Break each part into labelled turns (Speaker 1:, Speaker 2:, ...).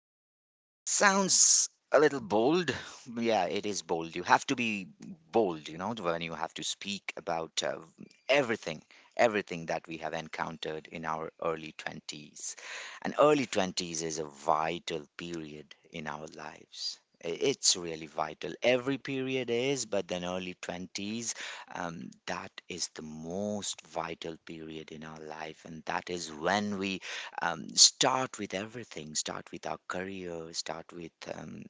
Speaker 1: a little bold. Yeah, it is bold. You have to be bold, when you have to speak about everything, everything that we have encountered in our early 20s. And early 20s is a vital period in our lives. It's really vital. Every period is, but then early 20s, that is the most vital period in our life. And that is when we start with everything, start with our career, start with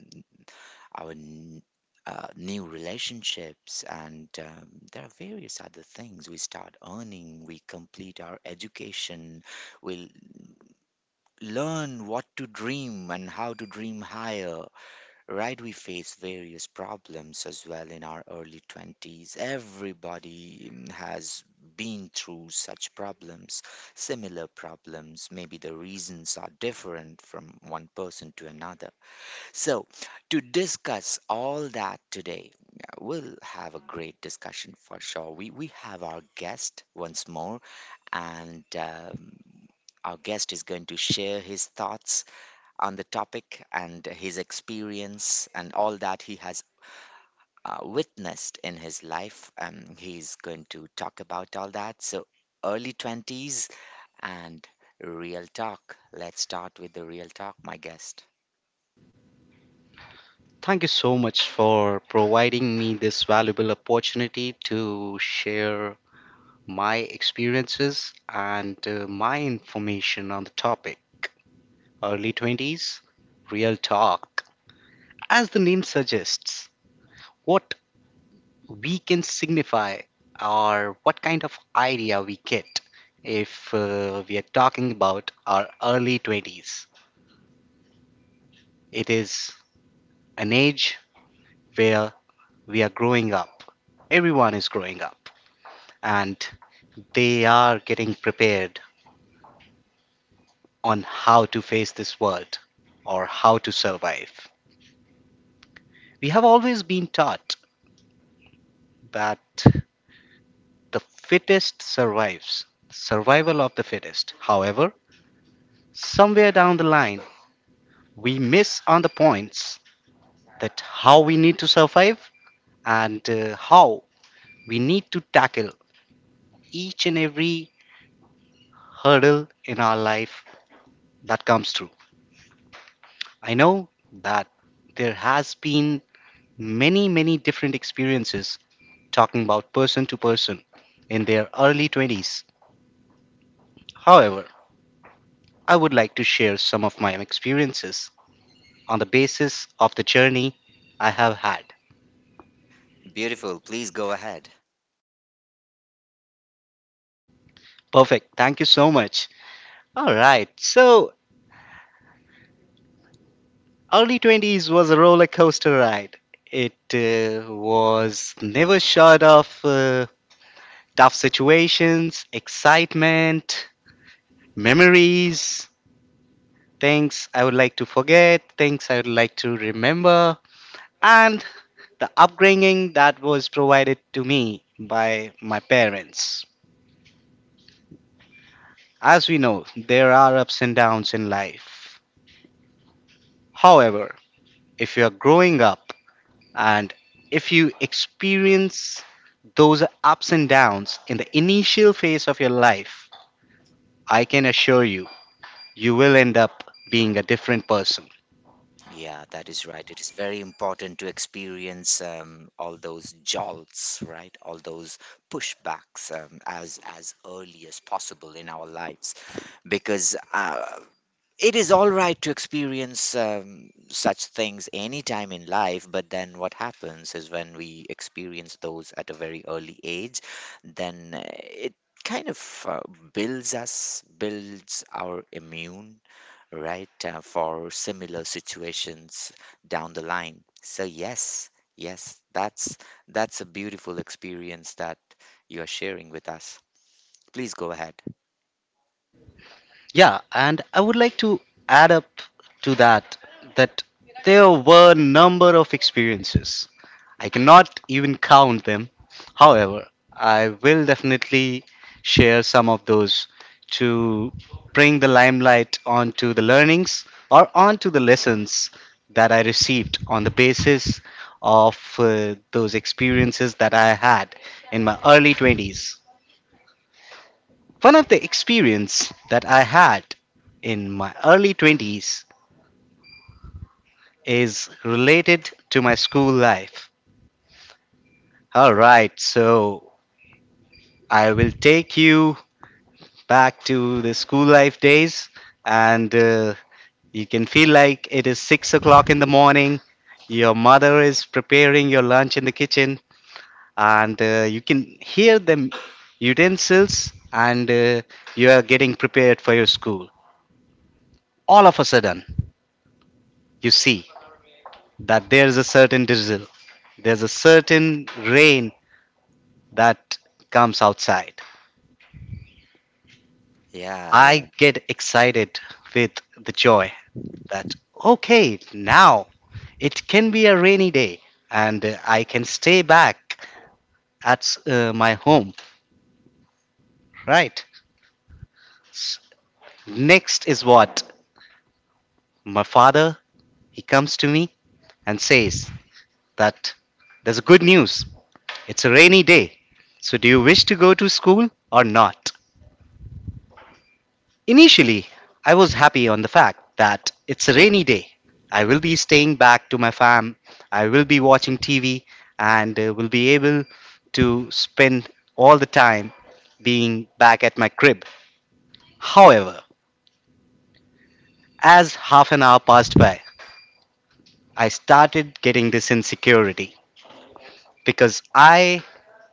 Speaker 1: our n- new relationships. And there are various other things. We start earning, we complete our education, we learn what to dream and how to dream higher. Right, we face various problems as well in our early 20s. Everybody has been through such problems, similar problems. Maybe the reasons are different from one person to another. So, to discuss all that today, yeah, we'll have a great discussion for sure. We have our guest once more, and our guest is going to share his thoughts on the topic and his experience and all that he has witnessed in his life. He's going to talk about all that. So, early 20s and real talk. Let's start with the real talk, my guest.
Speaker 2: Thank you so much for providing me this valuable opportunity to share my experiences and my information on the topic. Early 20s, real talk. As the name suggests, what we can signify or what kind of idea we get if we are talking about our early 20s. It is an age where we are growing up. Everyone is growing up. And they are getting prepared on how to face this world or how to survive. We have always been taught that the fittest survives, survival of the fittest. However, somewhere down the line, we miss on the points that how we need to survive and how we need to tackle each and every hurdle in our life that comes through. I know that there has been many different experiences talking about person to person in their early 20s. However, I would like to share some of my experiences on the basis of the journey I have had.
Speaker 1: Beautiful. Please go ahead.
Speaker 2: Perfect. Thank you so much. All right. So, early 20s was a roller coaster ride. It was never short of tough situations, excitement, memories, things I would like to forget, things I would like to remember, and the upbringing that was provided to me by my parents. As we know, there are ups and downs in life. However, if you are growing up and if you experience those ups and downs in the initial phase of your life, I can assure you, you will end up being a different person.
Speaker 1: Yeah, that is right. It is very important to experience all those jolts, right? All those pushbacks as early as possible in our lives, because it is all right to experience such things anytime in life, but then what happens is when we experience those at a very early age, then it kind of builds us, builds our immune, right, for similar situations down the line. So yes, yes, that's a beautiful experience that you are sharing with us. Please go ahead.
Speaker 2: Yeah, and I would like to add up to that that there were number of experiences. I cannot even count them. However, I will definitely share some of those to bring the limelight onto the learnings or onto the lessons that I received on the basis of those experiences that I had in my early 20s. One of the experience that I had in my early 20s is related to my school life. All right, so I will take you back to the school life days, and you can feel like it is 6 o'clock in the morning. Your mother is preparing your lunch in the kitchen, and you can hear the utensils, and you are getting prepared for your school. All of a sudden, you see that there's a certain drizzle, there's a certain rain that comes outside.
Speaker 1: Yeah.
Speaker 2: I get excited with the joy that, okay, now it can be a rainy day and I can stay back at my home, right? S- Next is what? My father, he comes to me and says that there's a good news. It's a rainy day. So do you wish to go to school or not? Initially, I was happy on the fact that it's a rainy day. I will be staying back to my fam, I will be watching TV, and will be able to spend all the time being back at my crib. However, as half an hour passed by, I started getting this insecurity because I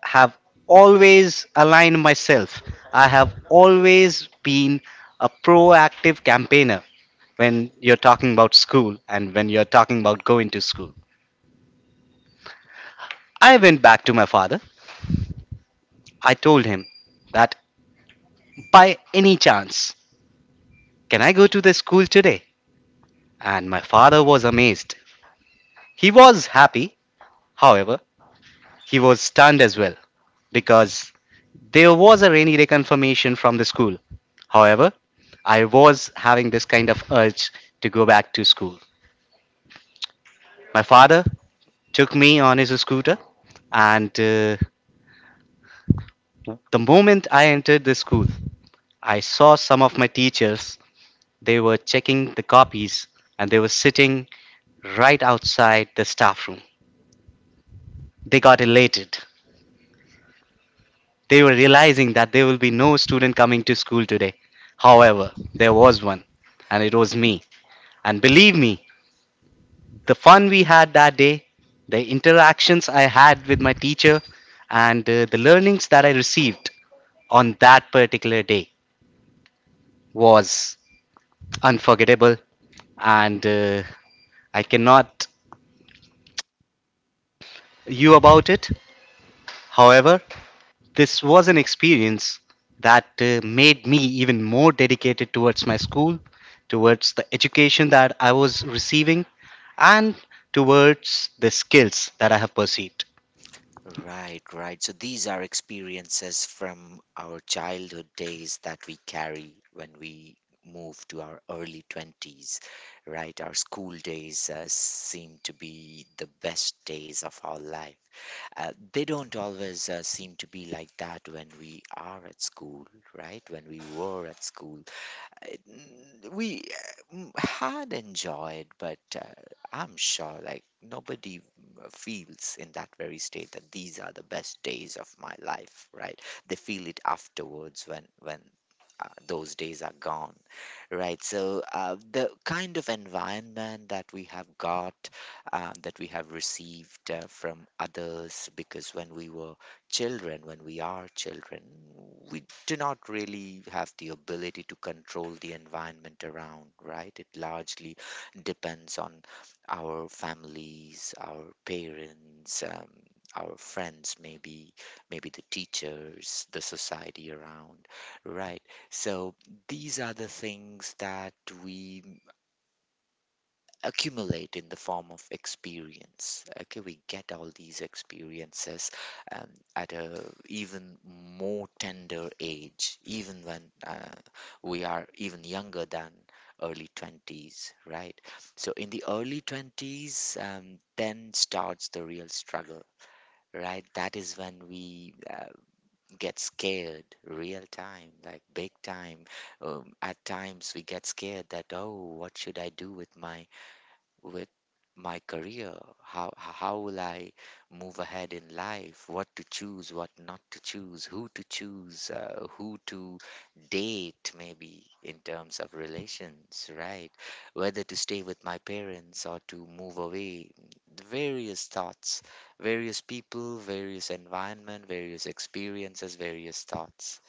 Speaker 2: have always aligned myself. I have always been a proactive campaigner when you're talking about school and when you're talking about going to school. I went back to my father. I told him that by any chance, can I go to the school today? And my father was amazed. He was happy, however, he was stunned as well because there was a rainy day confirmation from the school. However, I was having this kind of urge to go back to school. My father took me on his scooter, and the moment I entered the school, I saw some of my teachers, they were checking the copies and they were sitting right outside the staff room. They got elated. They were realizing that there will be no student coming to school today. However, there was one and it was me. And believe me, the fun we had that day, the interactions I had with my teacher, and the learnings that I received on that particular day was unforgettable. And I cannot you about it. However, this was an experience that made me even more dedicated towards my school, towards the education that I was receiving, and towards the skills that I have perceived.
Speaker 1: Right, right. So these are experiences from our childhood days that we carry when we move to our early 20s, right? Our school days seem to be the best days of our life. They don't always seem to be like that when we are at school, right? When we were at school we had enjoyed, but I'm sure like nobody feels in that very state that these are the best days of my life, right? They feel it afterwards when those days are gone. Right. So the kind of environment that we have got, that we have received from others, because when we were children, when we are children, we do not really have the ability to control the environment around, right? It largely depends on our families, our parents, our friends, maybe, the teachers, the society around, right? So these are the things that we accumulate in the form of experience. Okay, we get all these experiences um, at a even more tender age, even when we are even younger than early 20s, right? So in the early 20s, then starts the real struggle. Right, that is when we get scared real time, like big time. At times we get scared that, oh, what should I do with my with career? How will I move ahead in life? What to choose, what not to choose, who to choose, who to date, maybe in terms of relations, right? Whether to stay with my parents or to move away. The various thoughts, various people, various environment, various experiences, various thoughts.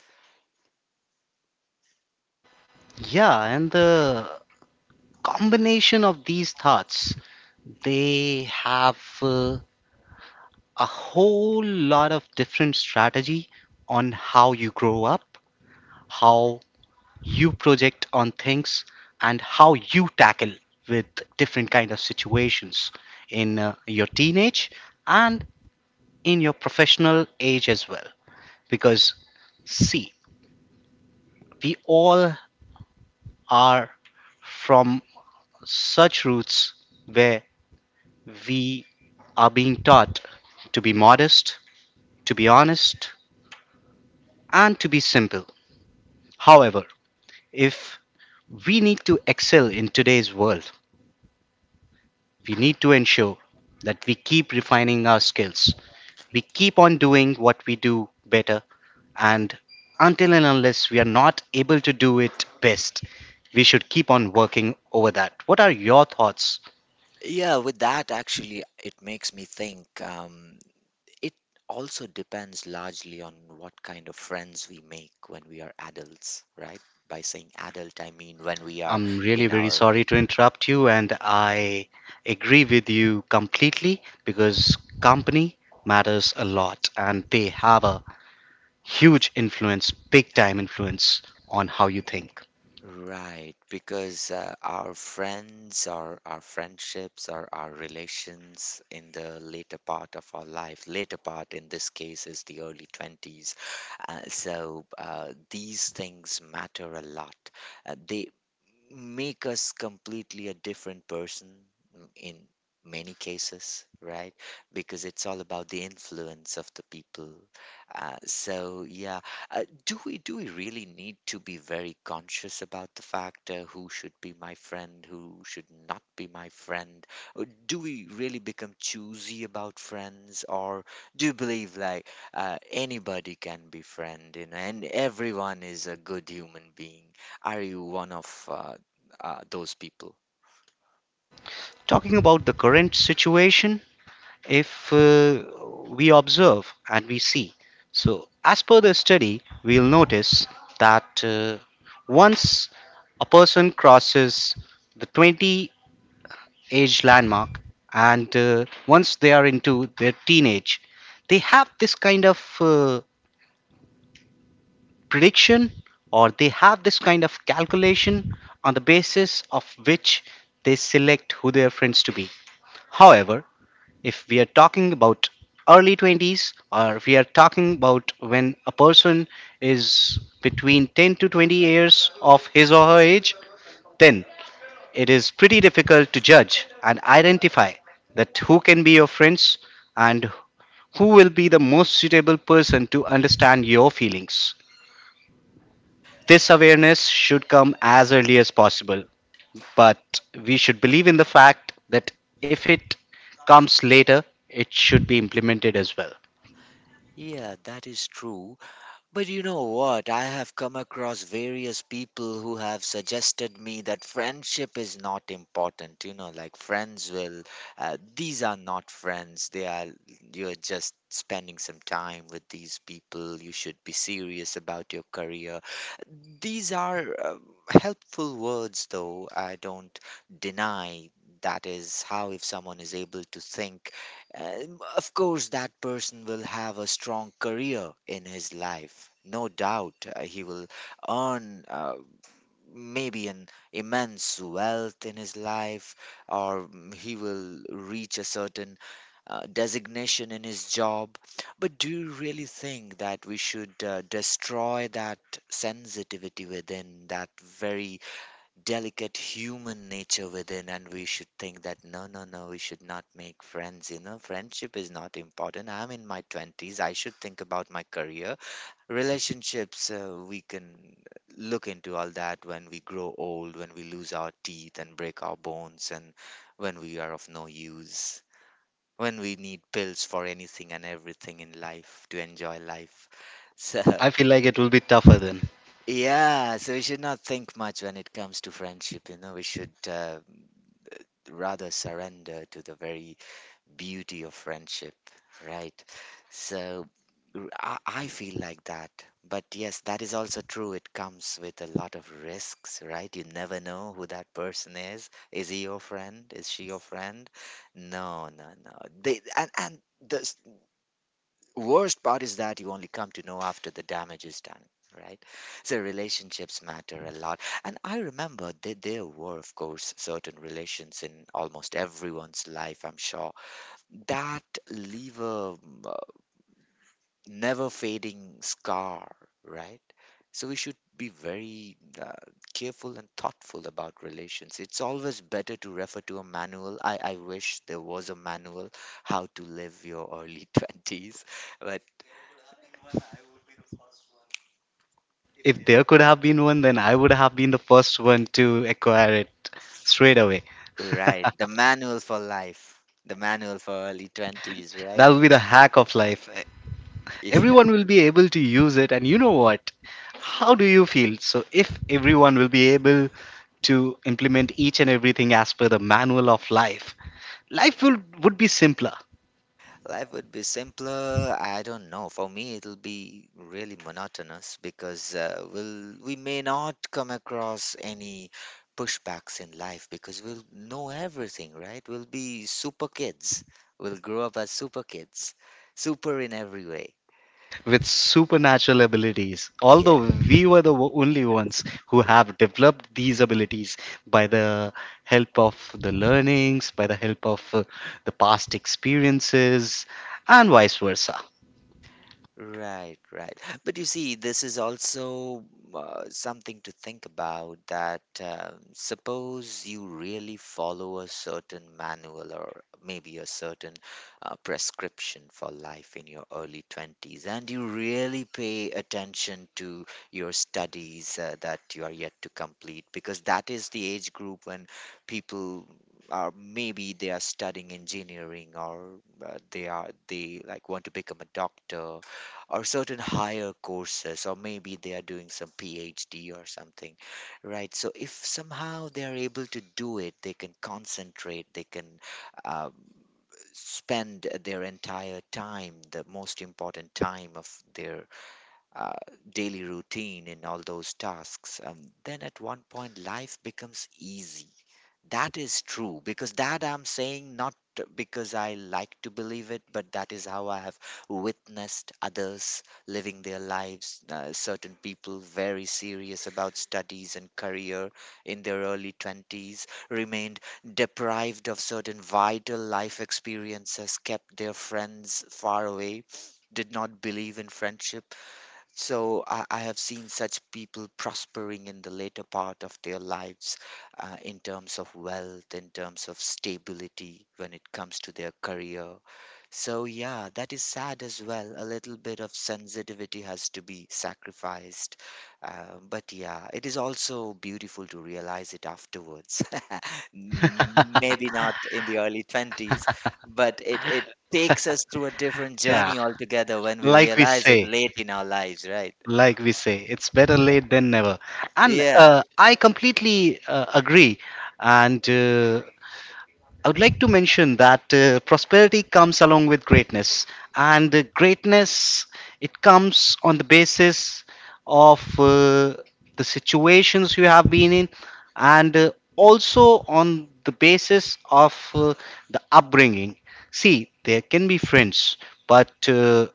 Speaker 2: Yeah, and the combination of these thoughts, they have a whole lot of different strategy on how you grow up, how you project on things and how you tackle with different kind of situations in your teenage and in your professional age as well. Because, see, we all are from such roots where we are being taught to be modest, to be honest, and to be simple. However, if we need to excel in today's world, we need to ensure that we keep refining our skills. We keep on doing what we do better, and until and unless we are not able to do it best, we should keep on working over that. What are your thoughts?
Speaker 1: Yeah, with that, actually, it makes me think. It also depends largely on what kind of friends we make when we are adults, right? By saying adult, I mean when we are
Speaker 2: I'm really
Speaker 1: in
Speaker 2: very
Speaker 1: our
Speaker 2: sorry to interrupt you, and I agree with you completely because company matters a lot and they have a huge influence, big time influence on how you think.
Speaker 1: Right, because our friends our friendships or our relations in the later part of our life, later part in this case is the early 20s. So these things matter a lot. They make us completely a different person in many cases, right? Because it's all about the influence of the people. So yeah, do we really need to be very conscious about the fact who should be my friend, who should not be my friend? Or do we really become choosy about friends, or do you believe like anybody can be friend, and everyone is a good human being? Are you one of those people?
Speaker 2: Talking about the current situation, if we observe and we see. So, as per the study, we'll notice that once a person crosses the 20 age landmark and once they are into their teenage, they have this kind of prediction or they have this kind of calculation on the basis of which they select who their friends to be. However, if we are talking about early 20s, or if we are talking about when a person is between 10 to 20 years of his or her age, then it is pretty difficult to judge and identify that who can be your friends and who will be the most suitable person to understand your feelings. This awareness should come as early as possible, but we should believe in the fact that if it comes later, it should be implemented as well.
Speaker 1: Yeah, that is true. But you know what? I have come across various people who have suggested me that friendship is not important. Like, these are not friends. They are, you're just spending some time with these people. You should be serious about your career. These are helpful words, though. I don't deny that is how, if someone is able to think, of course, that person will have a strong career in his life. No doubt, he will earn. Maybe an immense wealth in his life, or he will reach a certain designation in his job. But do you really think that we should destroy that sensitivity within, that very delicate human nature within, and we should think that no, no, no, we should not make friends? You know, friendship is not important. I'm in my 20s, I should think about my career, relationships, we can look into all that when we grow old, when we lose our teeth and break our bones, and when we are of no use, when we need pills for anything and everything in life to enjoy life, so
Speaker 2: I feel like it will be tougher then.
Speaker 1: yeah, so we should not think much when it comes to friendship, we should rather surrender to the very beauty of friendship, right? So I feel like that. But yes, that is also true. It comes with a lot of risks, right? You never know who that person is. Is he your friend? Is she your friend? No, no, no. They, and the worst part is that you only come to know after the damage is done, right? So relationships matter a lot. And I remember that there were, of course, certain relations in almost everyone's life, I'm sure, that leave a uh, never fading scar, right? So we should be very careful and thoughtful about relations. It's always better to refer to a manual. I wish there was a manual how to live your early 20s, but
Speaker 2: If there could have been one, then I would have been the first one to acquire it straight away.
Speaker 1: right, the manual for life, the manual for early 20s,
Speaker 2: That
Speaker 1: right?
Speaker 2: would be the hack of life. Everyone will be able to use it. And you know what? How do you feel? So, if everyone will be able to implement each and everything as per the manual of life, life would be simpler
Speaker 1: Life would be simpler. I don't know. For me, it'll be really monotonous because we may not come across any pushbacks in life because we'll know everything, right? We'll be super kids. We'll grow up as super kids, super in every way.
Speaker 2: with supernatural abilities. Although
Speaker 1: Yeah.
Speaker 2: we were the only ones who have developed these abilities by the help of the learnings, by the help of the past experiences, and vice versa.
Speaker 1: Right, right. But you see, this is also something to think about, that suppose you really follow a certain manual or maybe a certain prescription for life in your early 20s, and you really pay attention to your studies that you are yet to complete, because that is the age group when people are maybe they are studying engineering or they like want to become a doctor or certain higher courses, or maybe they are doing some PhD or something, right? So if somehow they are able to do it, they can concentrate, they can um, spend their entire time, the most important time of their uh, daily routine in all those tasks. Then at one point, life becomes easy. That is true, because that I'm saying not because I like to believe it, but that is how I have witnessed others living their lives. Certain people very serious about studies and career in their early 20s remained deprived of certain vital life experiences, kept their friends far away, did not believe in friendship, so I have seen such people prospering in the later part of their lives, in terms of wealth, in terms of stability when it comes to their career. So, yeah, that is sad as well. A little bit of sensitivity has to be sacrificed. But yeah, it is also beautiful to realize it afterwards. Maybe not in the early 20s, but it takes us through a different
Speaker 2: Yeah,
Speaker 1: journey altogether when we
Speaker 2: like we
Speaker 1: realize it
Speaker 2: say.
Speaker 1: late in our lives, right?
Speaker 2: like we say, it's better late than never, and
Speaker 1: Yeah,
Speaker 2: I completely agree. And I would like to mention that prosperity comes along with greatness, and greatness, it comes on the basis of the situations you have been in, and also on the basis of the upbringing. See, there can be friends, but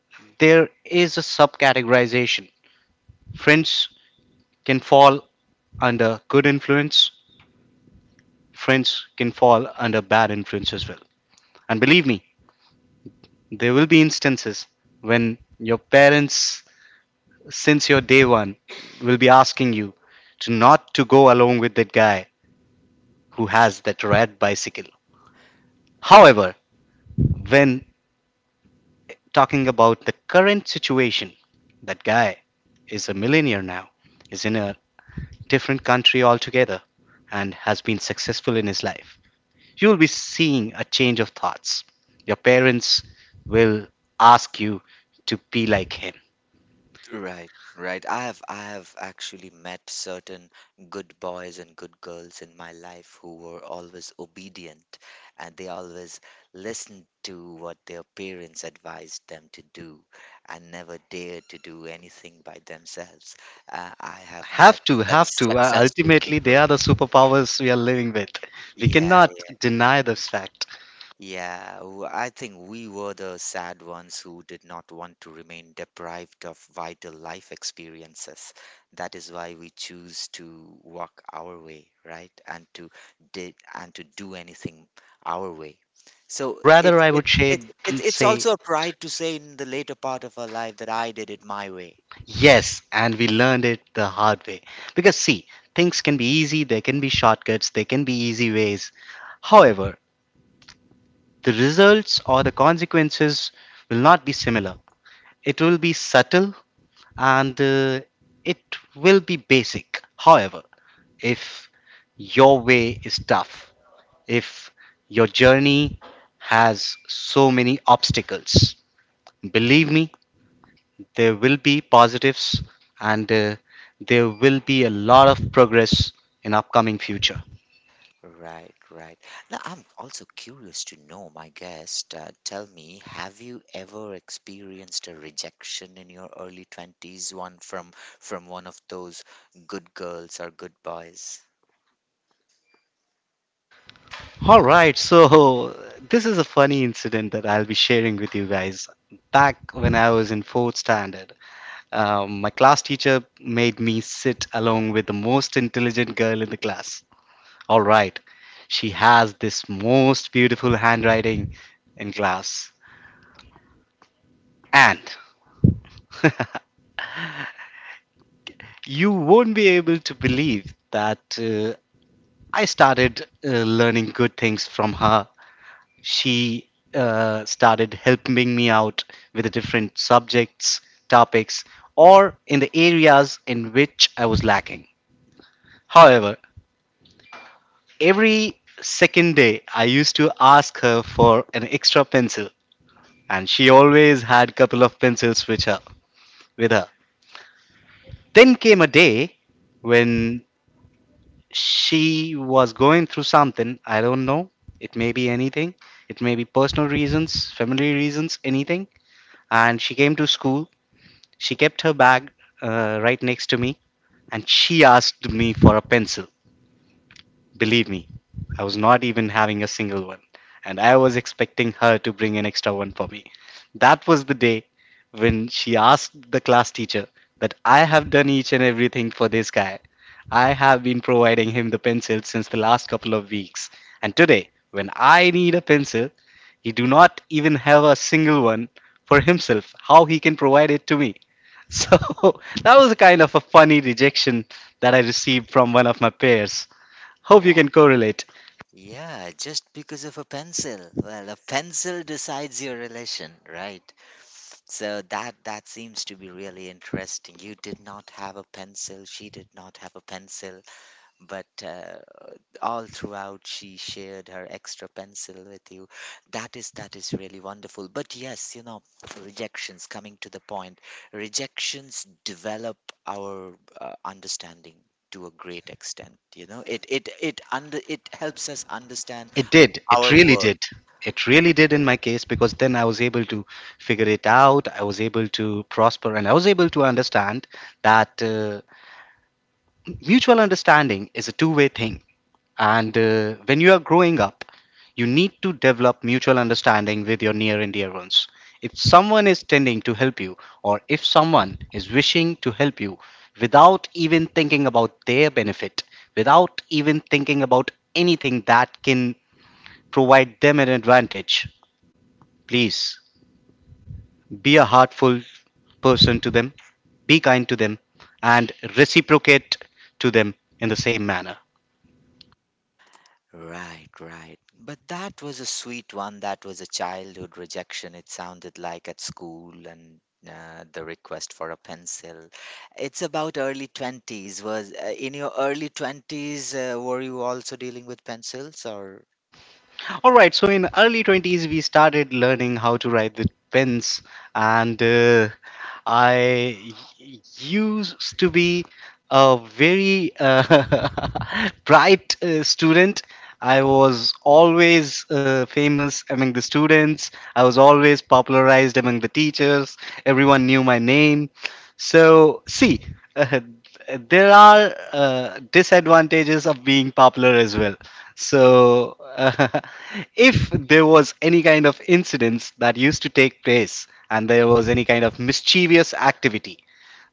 Speaker 2: there is a subcategorization. Friends can fall under good influence, friends can fall under bad influence as well. And believe me, there will be instances when your parents, since your day one, will be asking you to not to go along with that guy who has that red bicycle. However, when talking about the current situation, that guy is a millionaire now, is in a different country altogether, and has been successful in his life. You will be seeing a change of thoughts. Your parents will ask you to be like him.
Speaker 1: Right, right. I have actually met certain good boys and good girls in my life who were always obedient and they always listened to what their parents advised them to do and never dared to do anything by themselves. I have met
Speaker 2: Have to,
Speaker 1: such
Speaker 2: have to. Uh,
Speaker 1: successful
Speaker 2: ultimately, they
Speaker 1: people.
Speaker 2: are the superpowers we are living with. We
Speaker 1: Yeah,
Speaker 2: cannot deny this fact.
Speaker 1: yeah, I think we were the sad ones who did not want to remain deprived of vital life experiences. That is why we choose to walk our way, right? And to do anything our way. So
Speaker 2: Rather,
Speaker 1: it's
Speaker 2: I would
Speaker 1: it's
Speaker 2: say,
Speaker 1: it's it's it's
Speaker 2: say
Speaker 1: also a pride to say in the later part of our life that I did it my way.
Speaker 2: yes, and we learned it the hard way. Because, see, things can be easy, there can be shortcuts, there can be easy ways. However, the results or the consequences will not be similar. It will be subtle, and it will be basic. However, if your way is tough, if your journey has so many obstacles, believe me, there will be positives and there will be a lot of progress in upcoming future.
Speaker 1: Right, right. Now, I'm also curious to know, my guest, tell me, have you ever experienced a rejection in your early 20s, one from one of those good girls or good boys?
Speaker 2: All right, so this is a funny incident that I'll be sharing with you guys. Back when I was in fourth standard, my class teacher made me sit along with the most intelligent girl in the class. All right, she has this most beautiful handwriting in class. And you won't be able to believe that I started learning good things from her. She started helping me out with the different subjects, topics, or in the areas in which I was lacking. However, every second day, I used to ask her for an extra pencil, and she always had couple of pencils with her. With her. Then came a day when she was going through something. I don't know. It may be anything. It may be personal reasons, family reasons, anything. And she came to school. She kept her bag right next to me, and she asked me for a pencil. Believe me, I was not even having a single one, and I was expecting her to bring an extra one for me. That was the day when she asked the class teacher that I have done each and everything for this guy. I have been providing him the pencil since the last couple of weeks, and today, when I need a pencil, he do not even have a single one for himself. How he can provide it to me? So that was a kind of a funny rejection that I received from one of my peers. Hope you
Speaker 1: Wow.
Speaker 2: can correlate.
Speaker 1: Yeah, just because of a pencil. Well, a pencil decides your relation, right? So that seems to be really interesting. You did not have a pencil, she did not have a pencil, but all throughout she shared her extra pencil with you. That is really wonderful, but yes, you know, rejections, coming to the point, rejections develop our understanding to a great extent. You know, it helps us understand
Speaker 2: It did. It
Speaker 1: our
Speaker 2: really
Speaker 1: worth.
Speaker 2: did. It really did in my case because then I was able to figure it out. I was able to prosper and I was able to understand that mutual understanding is a two-way thing. And when you are growing up, you need to develop mutual understanding with your near and dear ones. If someone is tending to help you or if someone is wishing to help you without even thinking about their benefit, without even thinking about anything that can provide them an advantage. Please be a heartful person to them, be kind to them, and reciprocate to them in the same manner.
Speaker 1: Right, right. But that was a sweet one. That was a childhood rejection. It sounded like at school and the request for a pencil. It's about early 20s. Was in your early 20s, were you also dealing with pencils or?
Speaker 2: All right, so in early 20s we started learning how to write with pens and I used to be a very bright student. I was always famous among the students. I was always popularized among the teachers. Everyone knew my name. So, see, there are disadvantages of being popular as well. So, if there was any kind of incidents that used to take place and there was any kind of mischievous activity,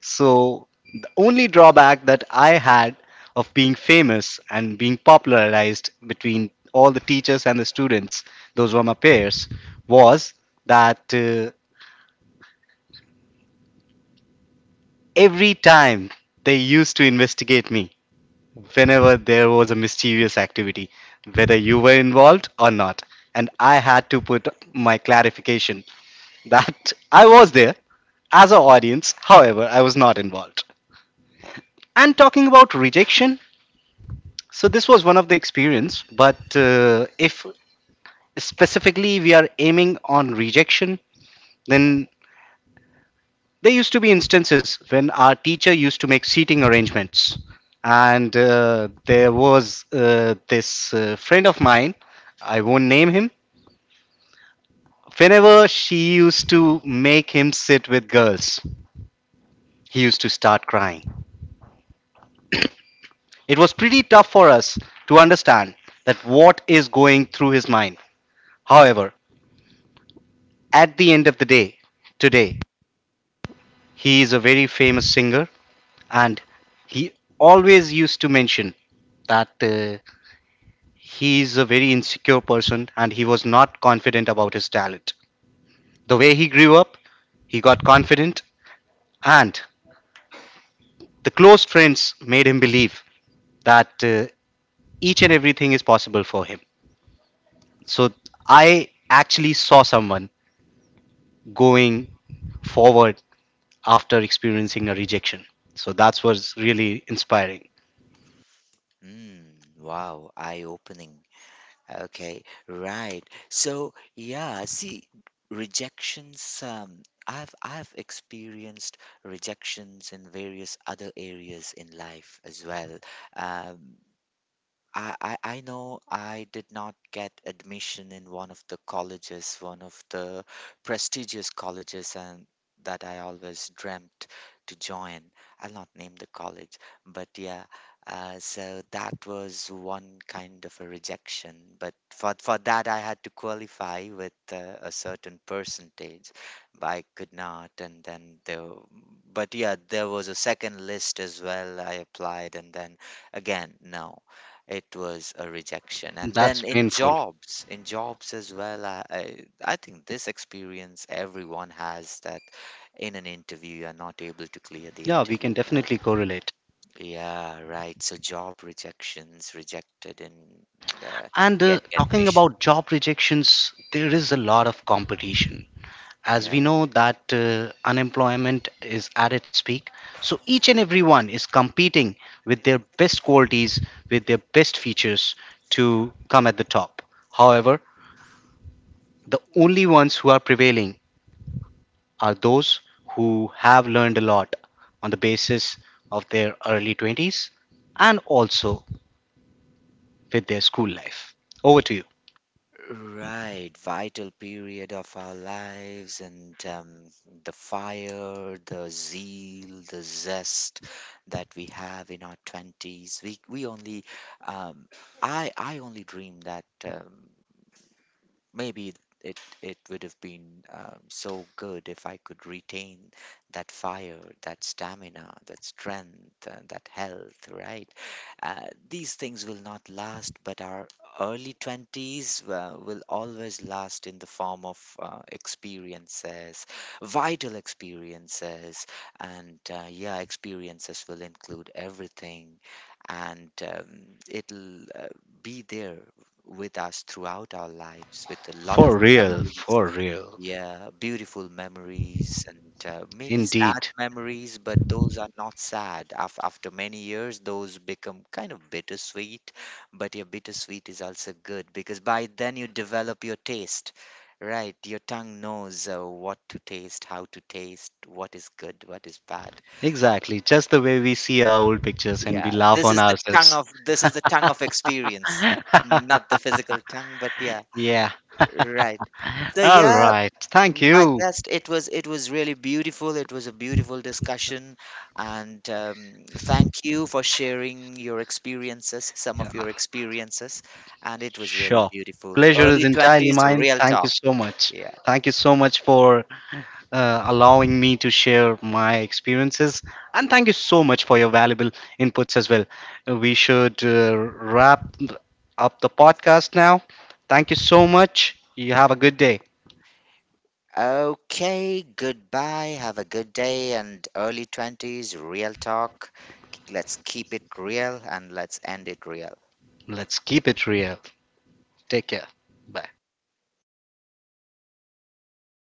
Speaker 2: so the only drawback that I had of being famous and being popularized between all the teachers and the students, those were my peers, was that every time they used to investigate me whenever there was a mischievous activity, whether you were involved or not. And I had to put my clarification that I was there as an audience, however, I was not involved. And talking about rejection, so this was one of the experience, but if specifically we are aiming on rejection, then there used to be instances when our teacher used to make seating arrangements, and there was this friend of mine. I won't name him. Whenever she used to make him sit with girls, he used to start crying. It was pretty tough for us to understand that what is going through his mind. However, at the end of the day, today, he is a very famous singer and he always used to mention that he's a very insecure person and he was not confident about his talent. The way he grew up, he got confident, and the close friends made him believe that each and everything is possible for him. So I actually saw someone going forward after experiencing a rejection. So that was really inspiring.
Speaker 1: Mm, wow, eye-opening. Okay, right. So yeah, see, rejections. I've experienced rejections in various other areas in life as well. Um, I know I did not get admission in one of the colleges, one of the prestigious colleges and that I always dreamt to join. I'll not name the college, but yeah, so that was one kind of a rejection. But for that, I had to qualify with a certain percentage, but I could not. And then there, but yeah, there was a second list as well. I applied, and then again, no. It was a rejection. And
Speaker 2: That's
Speaker 1: then
Speaker 2: painful.
Speaker 1: in jobs as well, I think this experience everyone has, that in an interview, you're not able to clear the
Speaker 2: Yeah, we can
Speaker 1: interview, right?
Speaker 2: definitely correlate.
Speaker 1: Yeah, right. So job rejections, rejected in uh,
Speaker 2: And
Speaker 1: getting
Speaker 2: talking
Speaker 1: admission.
Speaker 2: about job rejections, there is a lot of competition. As
Speaker 1: Yeah.
Speaker 2: we know that unemployment is at its peak, so each and everyone is competing with their best qualities, with their best features, to come at the top. However, the only ones who are prevailing are those who have learned a lot on the basis of their early 20s and also with their school life. Over to you.
Speaker 1: Right, vital period of our lives, and the fire, the zeal, the zest that we have in our twenties. We only, um, I only dream that. Maybe it would have been so good if I could retain that fire, that stamina, that strength, that health, right? Uh, these things will not last, but our early 20s will always last in the form of experiences, vital experiences, and yeah, experiences will include everything, and it'll be there with us throughout our lives with a lot of
Speaker 2: For real,
Speaker 1: memories.
Speaker 2: for real.
Speaker 1: Yeah, beautiful memories and maybe sad
Speaker 2: Indeed.
Speaker 1: memories, but those are not sad. Af After many years, those become kind of bittersweet. But your bittersweet is also good because by then you develop your taste, right? Your tongue knows what to taste, how to taste, what is good, what is bad.
Speaker 2: Exactly, just the way we see our old pictures and we
Speaker 1: Yeah,
Speaker 2: laugh on ourselves.
Speaker 1: this is the tongue of experience, not the physical tongue, but yeah.
Speaker 2: Yeah.
Speaker 1: Right. So
Speaker 2: All
Speaker 1: yeah,
Speaker 2: right. Thank
Speaker 1: my
Speaker 2: you.
Speaker 1: guest, it was really beautiful. It was a beautiful discussion, and thank you for sharing your experiences, some
Speaker 2: Yeah.
Speaker 1: of your experiences, and it was really
Speaker 2: Sure.
Speaker 1: beautiful.
Speaker 2: Pleasure is
Speaker 1: Early
Speaker 2: entirely
Speaker 1: 20s,
Speaker 2: mine.
Speaker 1: real
Speaker 2: Thank you
Speaker 1: talk.
Speaker 2: so much.
Speaker 1: Yeah.
Speaker 2: Thank you so much for allowing me to share my experiences. And thank you so much for your valuable inputs as well. We should wrap up the podcast now. Thank you so much. You have a good day.
Speaker 1: Okay, goodbye. Have a good day and early 20s, real talk. Let's keep it real and let's end it real.
Speaker 2: Let's keep it real. Take care. Bye.